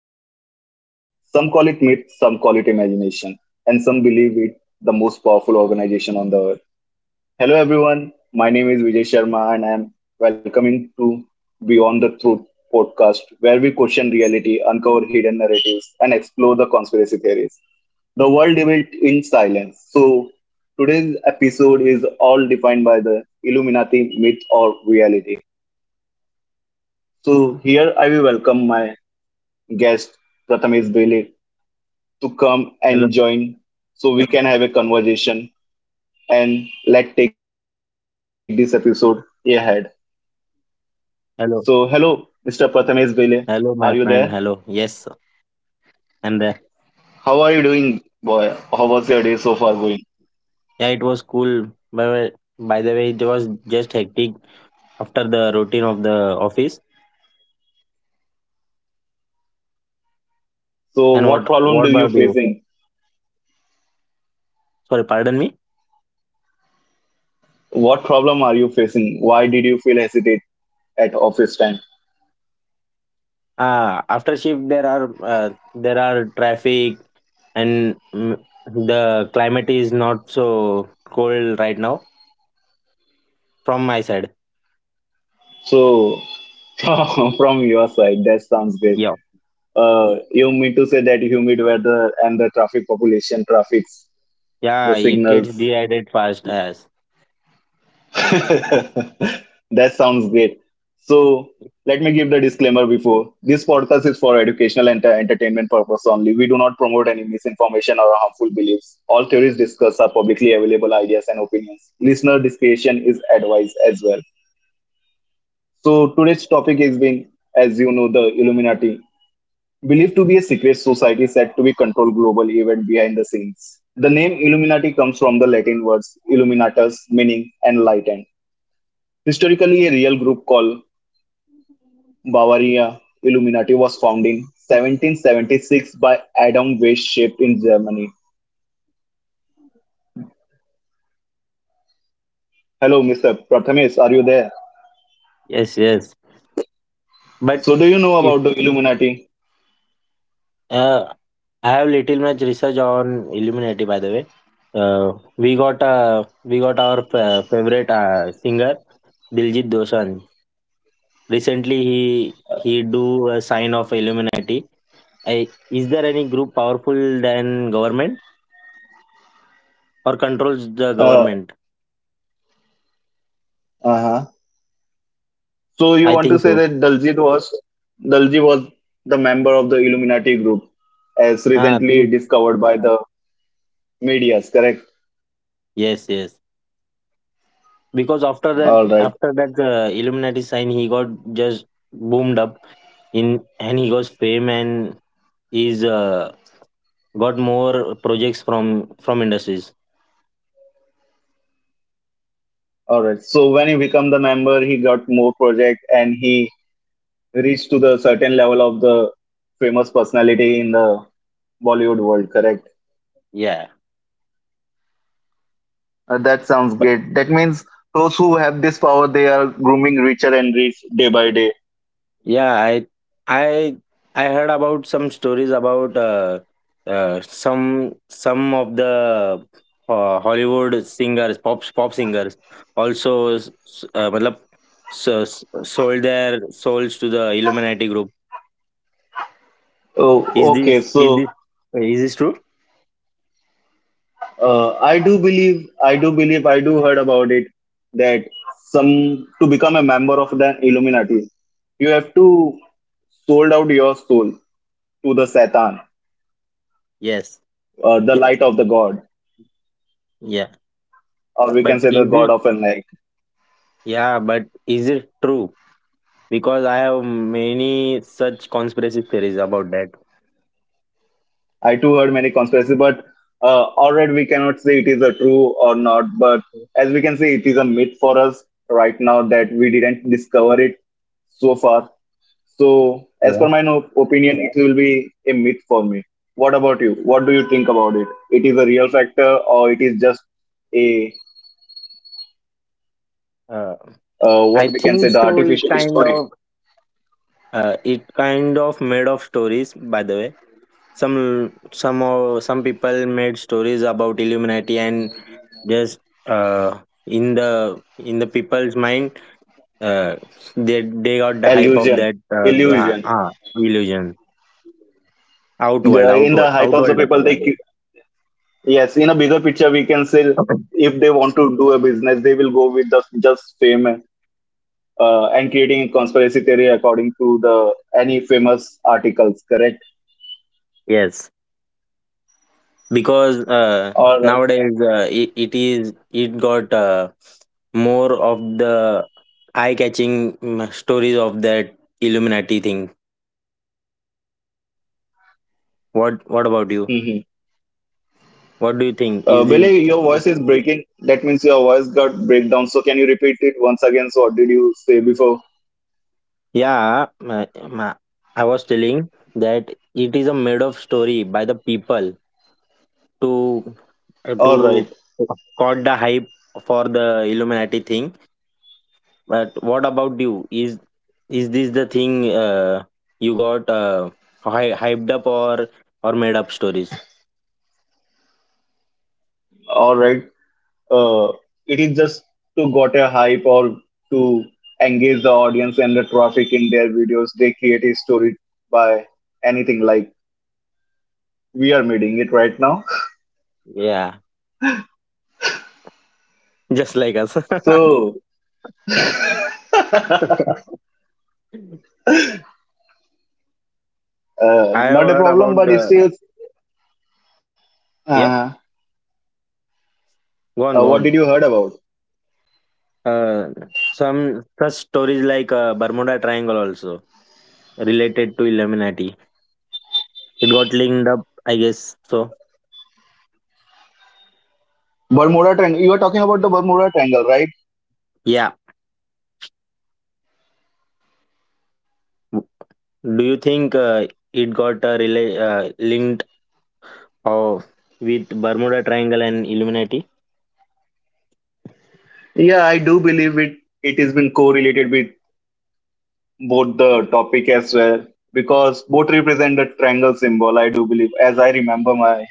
even wars? Some call it myth, some call it imagination, and some believe it the most powerful organization on the earth. Hello everyone, my name is Vijay Sharma and I am welcoming to Beyond the Truth podcast where we question reality, uncover hidden narratives and explore the conspiracy theories. The world debate in silence. So today's episode is all defined by the Illuminati myth or reality. So here I will welcome my guest Prathamesh Bele to come and Hello, join so we can have a conversation and let's take this episode ahead. So, hello, hello, Mr. Prathamesh Bele. Are you there? hello, my friend. Hello. Yes, I'm there. How are you doing, boy? How was your day so far going? Yeah, it was cool. But by the way, it was just hectic after the routine of the office. So, And what what problem what do you about you? facing? Sorry, pardon me. What problem are you facing? Why did you feel hesitate at office time? After shift there are traffic and the climate is not so cold right now from my side. So, from your side, that sounds great. Yeah, You mean to say that humid weather and the traffic population, traffics, yeah, the it gets signals. dehydrated fast as That sounds great. So let me give the disclaimer before. This podcast is for educational and entertainment purpose only. We do not promote any misinformation or harmful beliefs. All theories discussed are publicly available ideas and opinions. Listener discretion is advised as well. So today's topic is being, as you know, the Illuminati, believed to be a secret society said to be control global event behind the scenes. The name Illuminati comes from the Latin words illuminatus, meaning enlightened. Historically, a real group called Bavaria Illuminati was founded in 1776 by Adam Weishaupt in Germany. Hello, Mr. Prathamesh, are you there? yes, yes. But So, do you know if about the Illuminati? uh, I have little much research on Illuminati, by the way. Uh, we got our favorite singer Diljit Dosanjh. Recently, he do a sign of Illuminati. Is there any group powerful than government or controls the Uh, government? uh-huh. So, you I want to think say so. that Daljit was Dalji was the member of the Illuminati group, as I recently think, discovered by the media's correct? yes, yes. Because after All that, right, after that uh, Illuminati sign, he got just boomed up and he got fame and is got more projects from industries. all right. So, when he became the member, he got more project and he reach to the certain level of the famous personality in the Bollywood world, correct? Yeah, That sounds but great. That means those who have this power, they are grooming richer and rich day by day. yeah, i I heard about some stories about uh some some of the Hollywood singers, pop singers also, so, sold their souls to the Illuminati group. is Oh, okay. this is So this is this true? I do believe, I do heard about it that some to become a member of the Illuminati, you have to sold out your soul to the Satan, Yes. The light of the God, Yeah, or we can but say the God of enlightenment. yeah but is it true? Because I have many such conspiracy theories about that. I too heard many conspiracy, but already we cannot say it is a true or not. But as we can see, it is a myth for us right now that we didn't discover it so far. So, as Yeah. per my opinion, it will be a myth for me. What about you? What do you think about it? It is a real factor, or it is just a uh, what I we can say think the so, it artificial kind story, of uh, it kind of made of stories, by the way. some some of some people made stories about Illuminati and just uh, in the people's mind, uh, they got the hype of illusion, that, uh, illusion. uh, illusion. outworld The, in outworld the hype of the outworld people people, by they. the Yes, in a bigger picture, we can say way if they want to do a business, they will go with just fame and creating a conspiracy theory according to the any famous articles. Correct. yes. Because All right. nowadays, it got more of the eye catching stories of Hello. that Illuminati thing. What about you? Hmm. What do you think? Is this— Billy, your voice is breaking. That means your voice got breakdown. So can you repeat it once again? So what did you say before? Yeah, I was telling that it is a made of story by the people to All right. to caught the hype for the Illuminati thing. But what about you? Is this the thing, you got hyped up, or made up stories? All right. uh, it is just to got a hype or to engage the audience and the traffic in their videos they create a story by anything like we are meeting it right now. Yeah, just like us. So I have not a heard problem about but it's the still yeah. uh, Go on, go what did on. you heard about Uh, some such stories, like Bermuda Triangle, also related to Illuminati. It got linked up, I guess. So Bermuda Triangle? You are talking about the Bermuda Triangle, right? yeah. Do you think it got, linked of with Bermuda Triangle and Illuminati? Yeah, I do believe it. It has been correlated with both the topic as well because both represent the triangle symbol. I do believe, as I remember my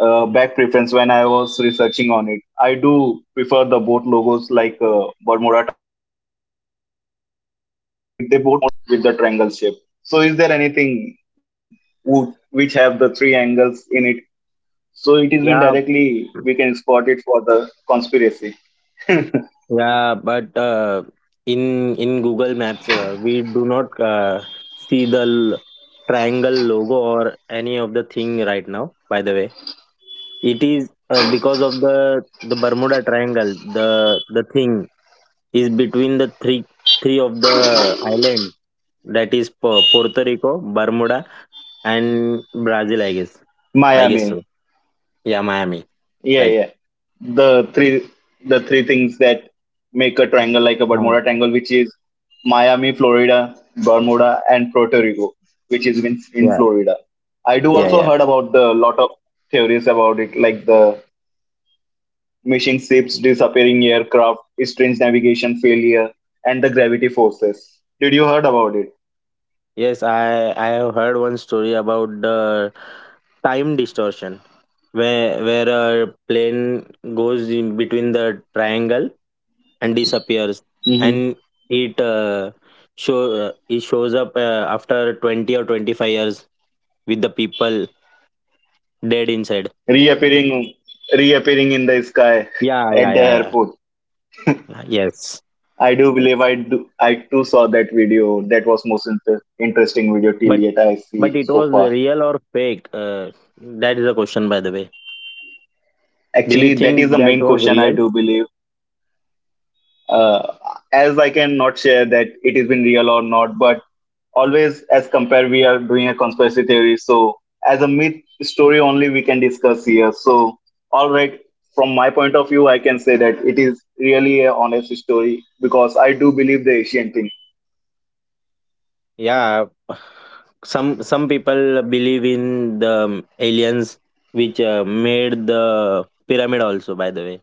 back preference when I was researching on it. I do prefer the both logos like Bermuda Triangle and Illuminati. They both promote their symbols with the triangle shape. So is there anything who, which have the three angles in it? So it is been Yeah. directly we can spot it for the conspiracy. Yeah, but in Google Maps, we do not see the triangle logo or any of the thing right now. By the way, it is because of the Bermuda Triangle. The thing is between the three of the islands, that is, Puerto Rico, Bermuda, and Brazil. I guess. I guess Miami. so. Yeah, Miami. Yeah, Right. yeah. The three, the three things that make a Mm. triangle like a Oh, Bermuda Triangle, which is Miami, Florida, Bermuda, and Puerto Rico, which is in yeah. Florida. I do Yeah. also Yeah. heard about the lot of theories about it, like the missing ships, disappearing aircraft, strange navigation failure, and the gravity forces. Did you heard about it? Yes, I have heard one story about the time distortion, where a plane goes in between the triangle and disappears, Hmm. and it uh, it shows up after 20 or 25 years with the people dead inside. Reappearing, reappearing in the sky Yeah, yeah, at the yeah, yeah. airport. Yes. I do believe I do. I too saw that video. That was most interesting video till But yet I but see it so was far. real or fake? That is the question, by the way. Do you Actually, that is think the that main was question. I real? do believe, uh, as I can not share that it has been real or not, but always as compare we are doing a conspiracy theory so as a myth story only we can discuss here so all right, from my point of view I can say that it is really a honest story because I do believe the Asian thing. Yeah, some people believe in the aliens, which made the pyramid also, by the way.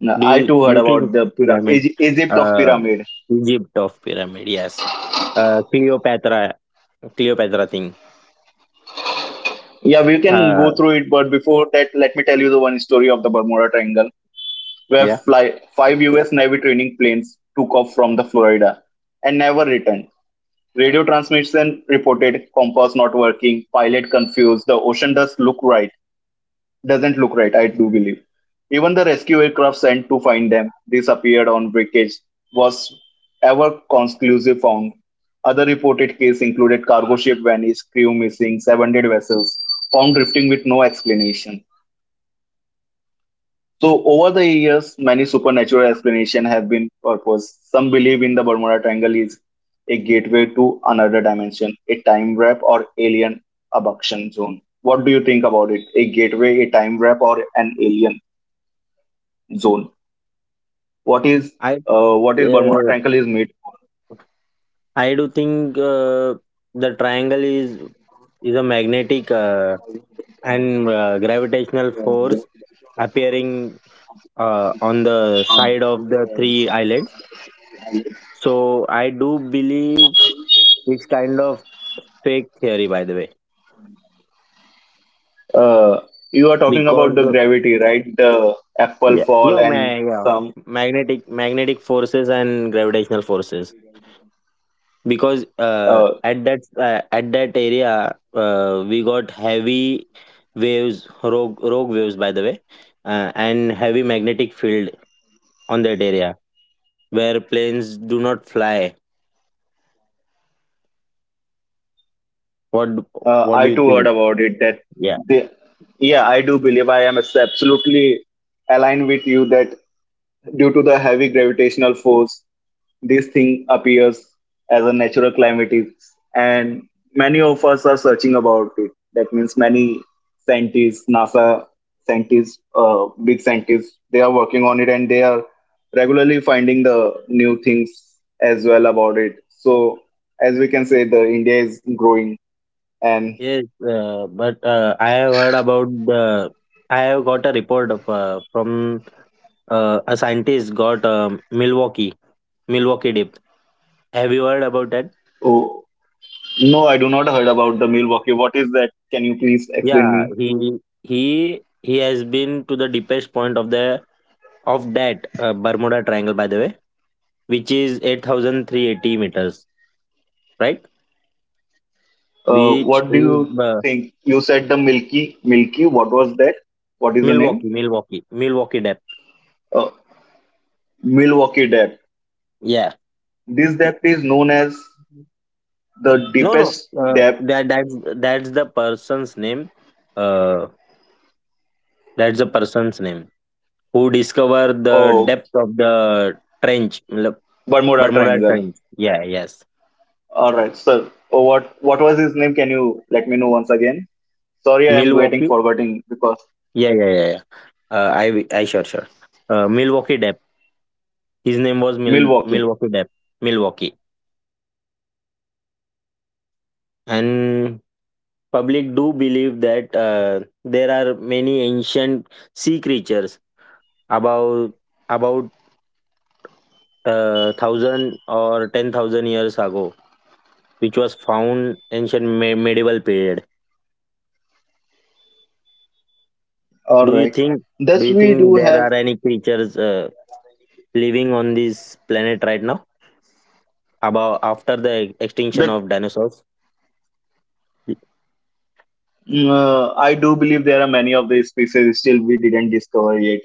Now, Do I too heard you about think the pyramid? Egypt of Uh, pyramid. Egypt of pyramid. Yes, Cleopatra thing. Yeah, we can go Uh, through it, but before that, let me tell you the one story of the Bermuda Triangle, where yeah, fly, five U.S. Navy training planes took off from the Florida and never returned. Radio transmission reported compass not working, pilot confused, the ocean doesn't look right, I do believe. Even the rescue aircraft sent to find them disappeared on wreckage was ever conclusive found. Other reported cases included cargo ship vanished, crew missing, abandoned vessels found drifting with no explanation. So over the years, many supernatural explanations have been proposed. Some believe in the Bermuda Triangle is a gateway to another dimension, a time warp or alien abduction zone. What do you think about it? A gateway, a time warp, or an alien zone. What is, I what is Bermuda uh, Triangle is made for? I do think the triangle is, a magnetic and gravitational force appearing on the side of the three islands. So I do believe it's kind of fake theory, by the way, Uh, you are talking about because the the, gravity, right? The apple yeah, fall yo, and ma- yeah, some. magnetic forces and gravitational forces. Because Uh, at that area, we got heavy waves, rogue waves, by the way, and heavy magnetic field on that area where planes do not fly. What What I do you too heard think? about it. That Yeah. they, yeah, I do believe I am absolutely aligned with you that due to the heavy gravitational force, this thing appears as a natural calamity, and many of us are searching about it. That means many scientists, NASA scientists, big scientists, they are working on it, and they are regularly finding the new things as well about it. So, as we can say, the India is growing, and Yes, but I have heard about the. I have got a report of from, a scientist got, Milwaukee, depth. Have you heard about that? oh, no, I do not heard about the Milwaukee. What is that? Can you please explain Yeah, me? he has been to the deepest point of the of that, Bermuda Triangle, by the way, which is 8,380 meters, right? Which What do is, you think? You said the Milky. What was that? What is the Milwaukee, name? Depth. Uh, Milwaukee Depth. Yeah. This depth is known as the No, no. deepest depth That's the person's name. Uh, that's the person's name who discover the of depth of the trench, l- Bermuda Bermuda Triangle. Trench. Yeah, yes. All right, sir. Oh, what was his name? Can you let me know once again? Sorry, I am getting Milwaukee. forgetting because Yeah, yeah, yeah. yeah. Uh, I I sure, Milwaukee Depth. His name was Milwaukee. Milwaukee Depth. Milwaukee. So who is that person and how did he And found the depth of the public do triangle? believe that, there are many ancient sea creatures, about about 1,000 or 10,000 years ago, which was found ancient medieval period. All Do you right. think do Thus, you we think do there are have any creatures, living on this planet right now, about after the extinction the. of dinosaurs? Y- Mm, I do believe there are many of these species still we didn't discover yet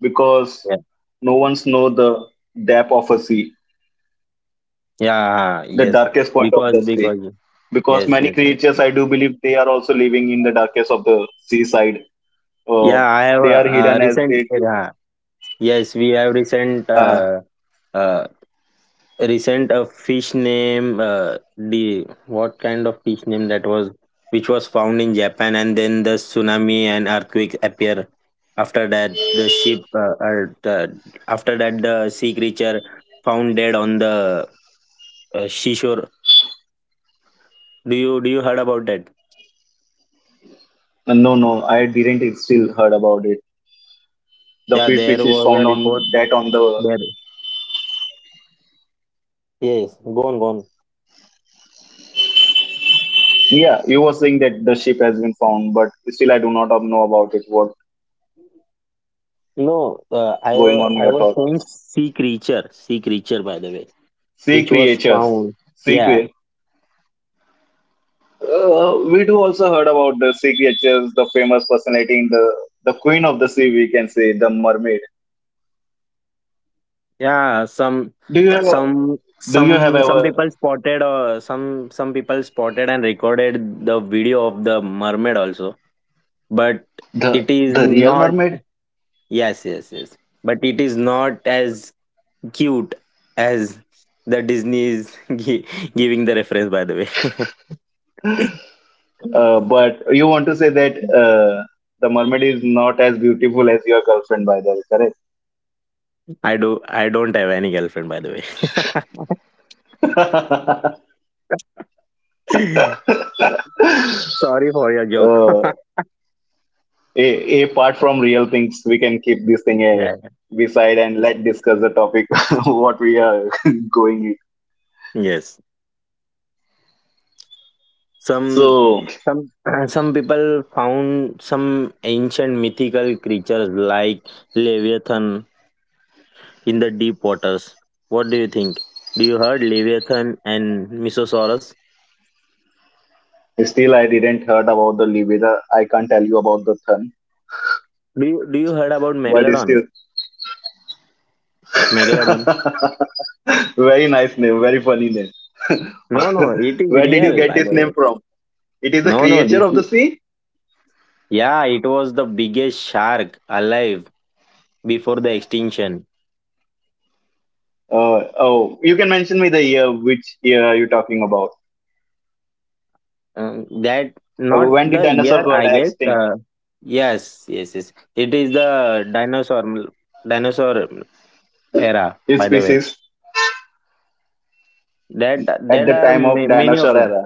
because Yeah. no one's know the depth of a sea, Yeah, the yes. darkest point of the sea. Because Because yes, many yes. creatures, I do believe, they are also living in the darkest of the seaside. Uh, Yeah, I have they are hidden as recent, they. Yes, we have recent Uh, uh, recent, a fish name, the what kind of fish name that was, which was found in Japan, and then the tsunami and earthquake appear. After that, after that, the sea creature found dead on the, seashore. Do you heard about that? no, no, I didn't still heard about it. The Yeah, fish there which is was a found on report that on the. there. Yes, go on, go on. Yeah, you were saying that the ship has been found, but still I do not know about it. What No, uh, i going wa- on i your was thought? saying sea creature, by the way, Sea which was creatures. found. Sea Yeah, creatures. We do also heard about the sea creatures, the famous personality in the queen of the sea. We can say the mermaid. yeah. some Do you have a, some do you have some some ever people spotted or some people spotted and recorded the video of the mermaid also. But it is the real not, mermaid? yes, yes, yes. But it is not as cute as the Disney is giving the reference, by the way. But you want to say that the mermaid is not as beautiful as your girlfriend, by the way, correct? i do I don't have any girlfriend, by the way. Sorry for your joke. uh, a, apart from real things, we can keep this thing a Yeah. beside and let discuss the topic what we are going in. Yes. Some So some some people found some ancient mythical creatures like Leviathan in the deep waters. What do you think? Do you heard Leviathan and Mesosaurus? still, I didn't heard about the Libera. I can't tell you about the Thun, Do you heard about but Megalodon? still, Megalodon? very nice name, very funny name. No, no, it is Where did you real, get by this the name way. from? It is a No, no, creature of the sea. yeah, it was the biggest shark alive before the extinction. Oh, you can mention me the year. Which year are you talking about? That not When did the dinosaur year, got I guess. extinct? Yes, yes, yes. It is the dinosaur era, His by the way. species that at that the are time of many of dinosaur the. era.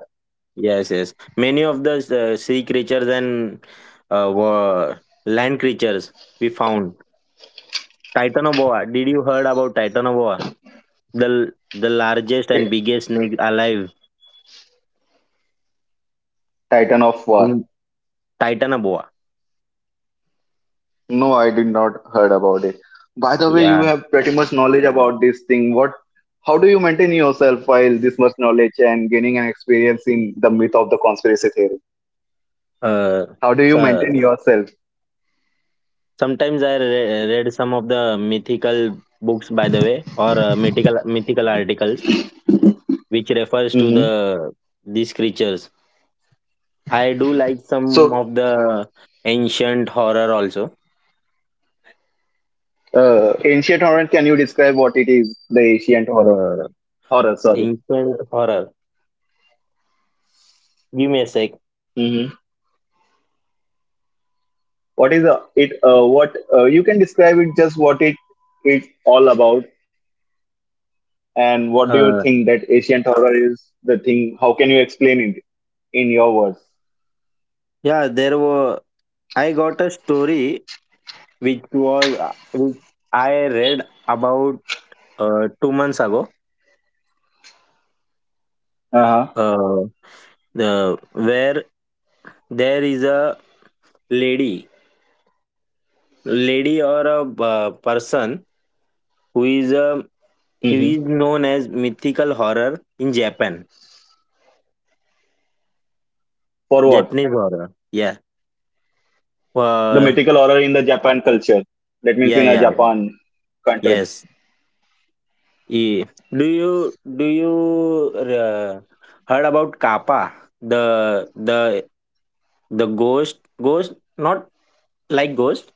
Yes, yes, many of the, sea creatures and, uh, wa- land creatures we found. Titanoboa. Did you heard about Titanoboa? The largest and Eh, biggest snake alive Titan of in war. Titanoboa. No, I did not heard about it. By the way, you Yeah. have pretty much knowledge about this thing. What? How do you maintain yourself while this much knowledge and gaining an experience in the myth of the conspiracy theory? Uh, How do you so, maintain yourself? sometimes I read some of the mythical books, by the way, or, mythical articles, which refers to Hmm. These creatures. I do like some So, of the ancient horror also. Ancient horror. Can you describe what it is? The ancient horror. Uh, Horror. Sorry. Ancient horror. Give me a sec. Hmm. What is it? What you can describe it? Just what it all about? And what do you Uh, think that ancient horror is the thing? How can you explain it in your words? yeah, there were. I got a story, which I read about, 2 months ago. Uh-huh. Uh, the Where there is a lady lady, or a, person, who is a Hmm. who is known as mythical horror in Japan. For what? Japanese horror, yeah. The uh, mythical horror in the Japan culture. That means yeah, in a yeah, yeah. Japan country. Yes. E- do you heard about kappa, the the the ghost, ghost, not like ghost,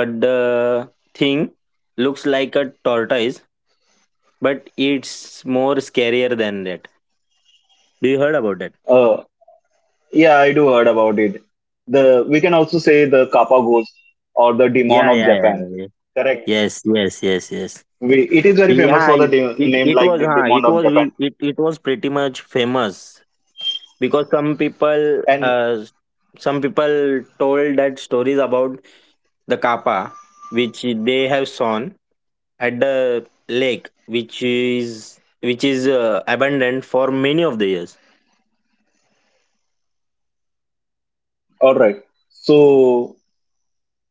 but the thing looks like a tortoise, but it's more scarier than that. Do you heard about that? Uh, yeah, I do heard about it. The we can also say the Kappa ghost or the demon Yeah, of yeah, yeah, Japan. yeah. Yeah. Correct. Yes, yes, yes, yes. We, it is very famous Yeah, for the it, it name it like was, the huh, demon it of was Japan. we- it was pretty much famous because And some people told that stories about the kappa, which they have sown at the lake, which is abundant for many of the years. all right. So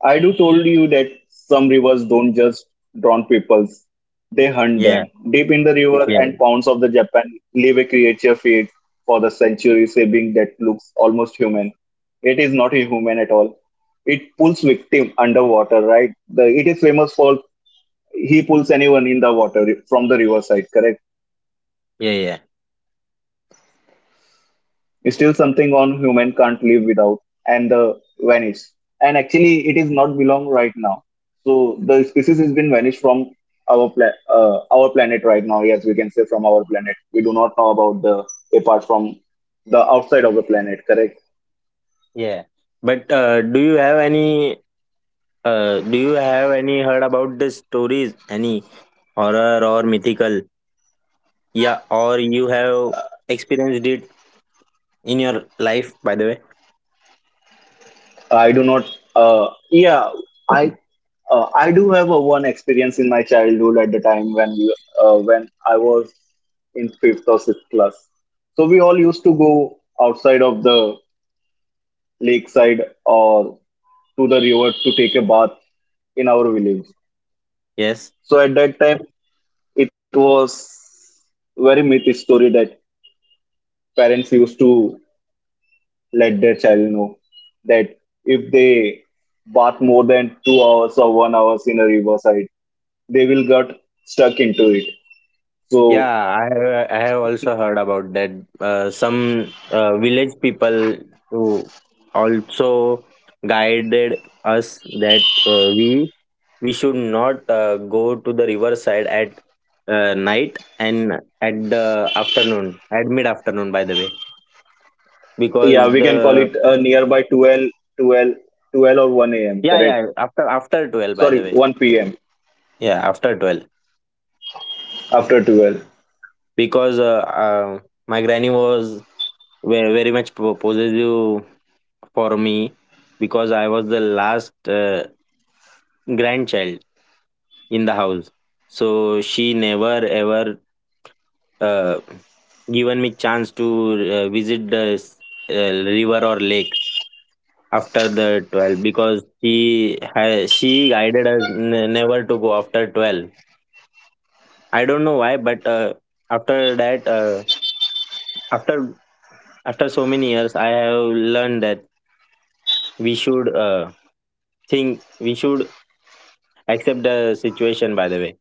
I do told you that some rivers don't just drown peoples; they hunt Yeah, them. Deep in the river yeah, and ponds of the Japan live a creature feared for the century saving that looks almost human. It is not human at all. It pulls victim underwater, right? It is famous for he pulls anyone in the water from the riverside, correct? yeah, yeah, Is still something on human can't live without, and the vanish, and actually it is not belong right now. So the species has been vanished from our planet right now. Yes, we can say from our planet. We do not know about the, apart from the outside of the planet, correct? yeah. But do you have any heard about the stories, any horror or mythical? Yeah, or you have experienced it in your life, by the way? I do not. Yeah. I uh, i do have a one experience in my childhood at the time when I was in fifth or sixth class. So we all used to go outside of the lakeside or to the river to take a bath in our village. Yes. So at that time, it was very myth story that parents used to let their child know that if they bath more than 2 hours or 1 hours in a riverside, they will get stuck into it. Yeah, So I have also heard about that. Some, village people, who also guided us that, we should not, go to the riverside at, night, and at mid afternoon, by the way. Because yeah, we can call the it a nearby 12, twelve or 1 a.m. yeah, Correct? yeah, after 12, by Sorry, the way. 1 p.m. Yeah, after 12. After 12. Because my granny was very, very much possessive for me, because I was the last, grandchild in the house. So she never ever, uh, given me chance to, visit the, uh, river or lake after the 12. Because she guided us never to go after 12. I don't know why, but, after that, after after so many years, I have learned that we should, think, we should accept the situation, by the way.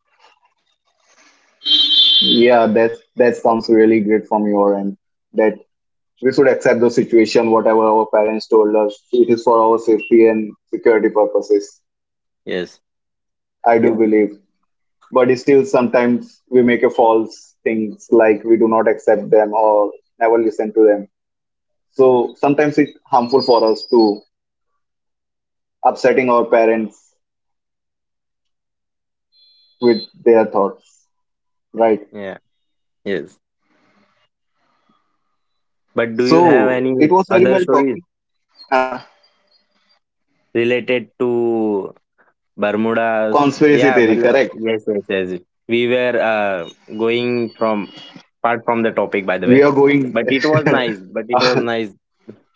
Yeah, that sounds really great from your end. That we should accept the situation, whatever our parents told us, it is for our safety and security purposes. Yes, I do, yeah, believe, but still sometimes we make a false things like we do not accept them or never listen to them. So sometimes it's harmful for us to upsetting our parents with their thoughts, right? yeah, yes. But do you have So any it was very other well stories talking. Ah, related to Bermudas? conspiracy Yeah, theory, correct? yes, yes, yes. We were, going from apart from the topic, by the We way. are going. But it was nice. But it was nice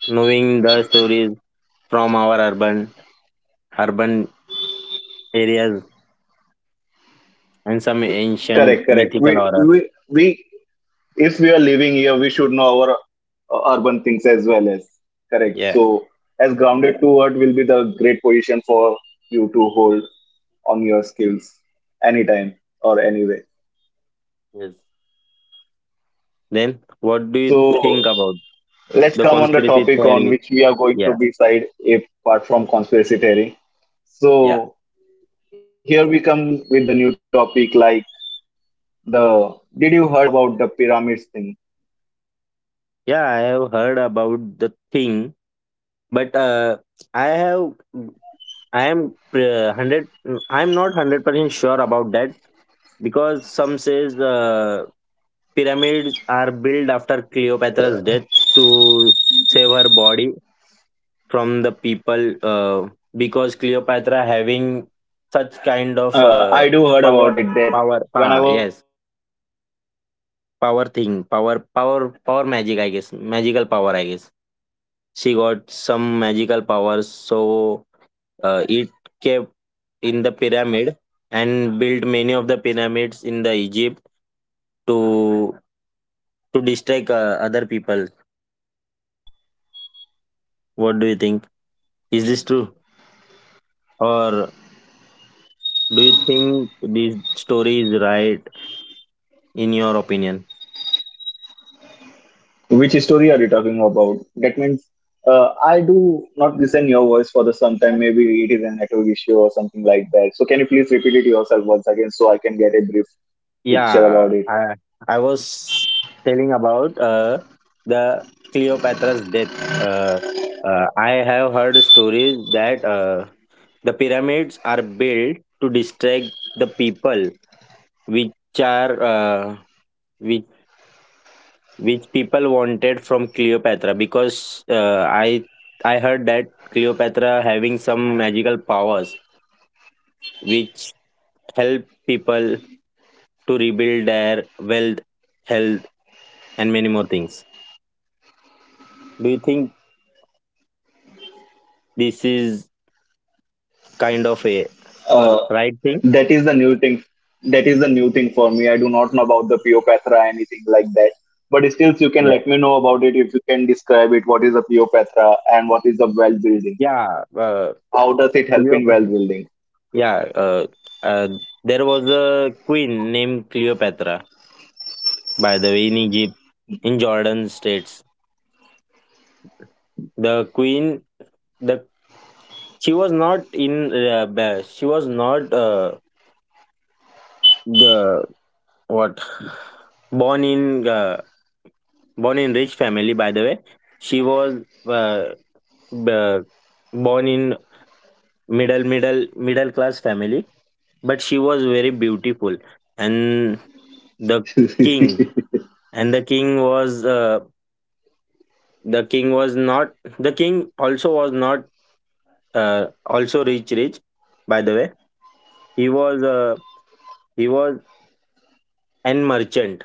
knowing the stories from our urban areas and some Correct, ancient correct. mythical We, horror. we, we, if we are living here, we should know our urban things as well as correct. Yeah. So, as grounded to what will be the great position for you to hold on your skills anytime or anyway. Yes. Then what do you So, think about let's the come on the conspiracy topic on theory? which we are going Yeah. to be side apart from conspiracy theory. Yeah. So, here we come with the new topic like the did you heard about the pyramids thing? Yeah, I have heard about the thing, but Hello. I have I am hundred. I am not 100% sure about that because some says pyramids are built after Cleopatra's death to save her body from the people because Cleopatra having such kind of I do heard about it power that power ah, whenever yes someone died, as in power previous thing power culture, power we power do know magic I the guess coffin, right? magical power, Coffin I shape guess structure, she and got some they magical put their powers. body in coffin So and it kept just keep it in the inside the pyramid, pyramids to and built leave their many of the soul for the pyramids in years, the Egypt to right? distract other people. What do you think, is this true, or do you think this story is right, in your opinion? Which story are you talking about? That means I do not listen your voice for the sometime. Maybe it is a network issue or something like that. So can you please repeat it yourself once again so I can get a brief picture yeah about it? i i was telling about the Cleopatra's death. uh, I have heard stories that the pyramids are built to distract the people which are which which people wanted from Cleopatra, because I heard that Cleopatra having some magical powers which help people to rebuild their wealth, health, and many more things. Do you think this is kind of a Uh, right thing? that is the new thing. That is the new thing for me. I do not know about the Pio anything like that. But still, you can Yeah. let me know about it if you can describe it. What is a Pio and what is the well building? Yeah. How does it help in Cleop- well building? yeah. Uh, uh, there was a queen named Cleopatra, by the way, in Egypt, in Jordan states. The queen, the she was not in. She was not the what born in born in rich family. By the way, she was uh, b- born in middle class family, but she was very beautiful. And the king and the king was uh, the king was not the king also was not also rich. By the way, he was he was an merchant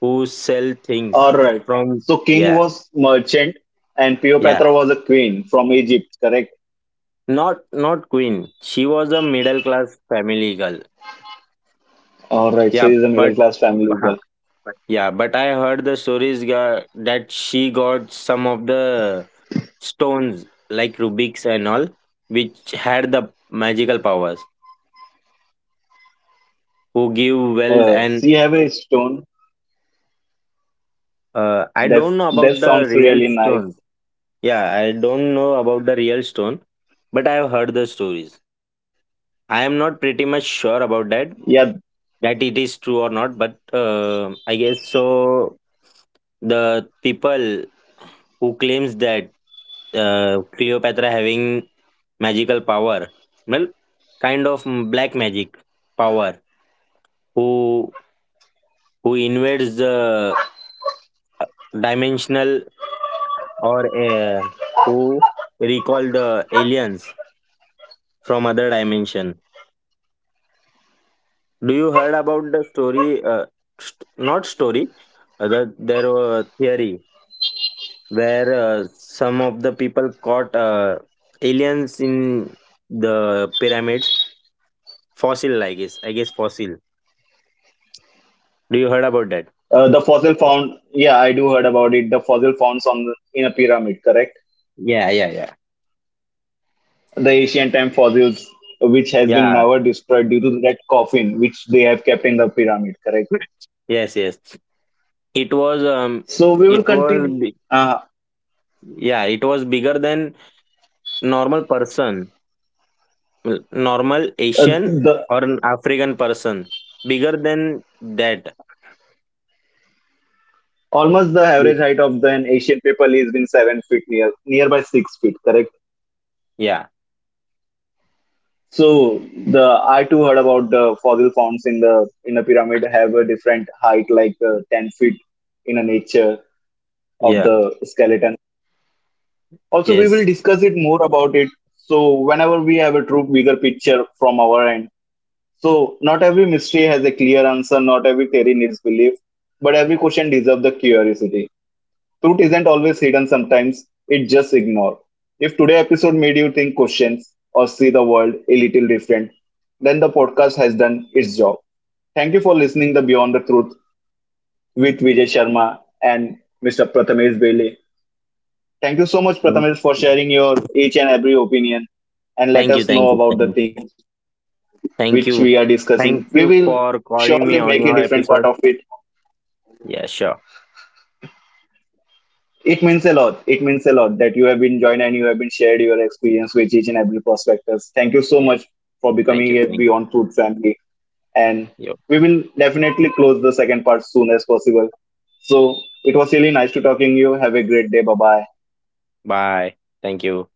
who sell things All right. from. So king Yeah. was merchant and Yeah, Cleopatra was a queen from Egypt, correct? not queen, she was a middle class family girl. All right. So Yeah, he's a but middle class family huh, girl. yeah, but I heard the stories that she got some of the stones like Rubik's and all, which had the magical powers, who give wealth and She have a stone. I That don't know that about the sounds real really nice. stone. Yeah, I don't know about the real stone, but I have heard the stories. I am not pretty much sure about Yeah. that, that it is true or not, but I guess so. The people who claims that Cleopatra having magical power, well, kind of black magic power, who invades the uh, dimensional, or who recall the aliens from other dimension. Do you heard about the story? Not story, there were theory where some of the people caught aliens in the pyramids. Fossil, I guess. I guess fossil. Do you heard about that? The fossil found, yeah, I do heard about it. The fossil found on in a pyramid, correct? Yeah, yeah, yeah. The ancient time fossils, which has been Yeah. never destroyed due to that coffin, which they have kept in the pyramid, correct? Yes, yes. It was So we will it was continue. bi- Uh, yeah, it was bigger than normal person, normal Asian the or an African person. Bigger than that. Almost the Bi- average height of the an Asian people is been 7 feet near, nearby 6 feet, correct? Yeah. So the I too heard about the fossil founds in the pyramid have a different height, like 10 feet in a nature of Yeah. the skeleton. Also, we will Yes. discuss it more about it. So, whenever we have a true bigger picture from our end. So, not every mystery has a clear answer, not every theory needs belief, but every question deserves the curiosity. Truth isn't always hidden, sometimes it just ignored. If today's episode made you think questions or see the world a little different, then the podcast has done its job. Thank you for listening to Beyond the Truth with Vijay Sharma and Mr. Prathamesh Bailey. Thank you so much, Prathamesh, for sharing your each and every opinion and let Thank you. us know Thank you. about Thank the you. Thank you. things which we are Thank you. discussing. We will Thank you for surely make a calling me different on part your of it. episode. Yeah, sure. It means a lot. It means a lot that you have been joined and you have been shared your experience with each and every prospectus. Thank you so Yeah. much for Thank becoming you. a Thank Beyond Food family. And you. we will definitely close the second part soon as possible. So it was really nice to talking to you. Have a great day. Bye bye. Bye. Thank you.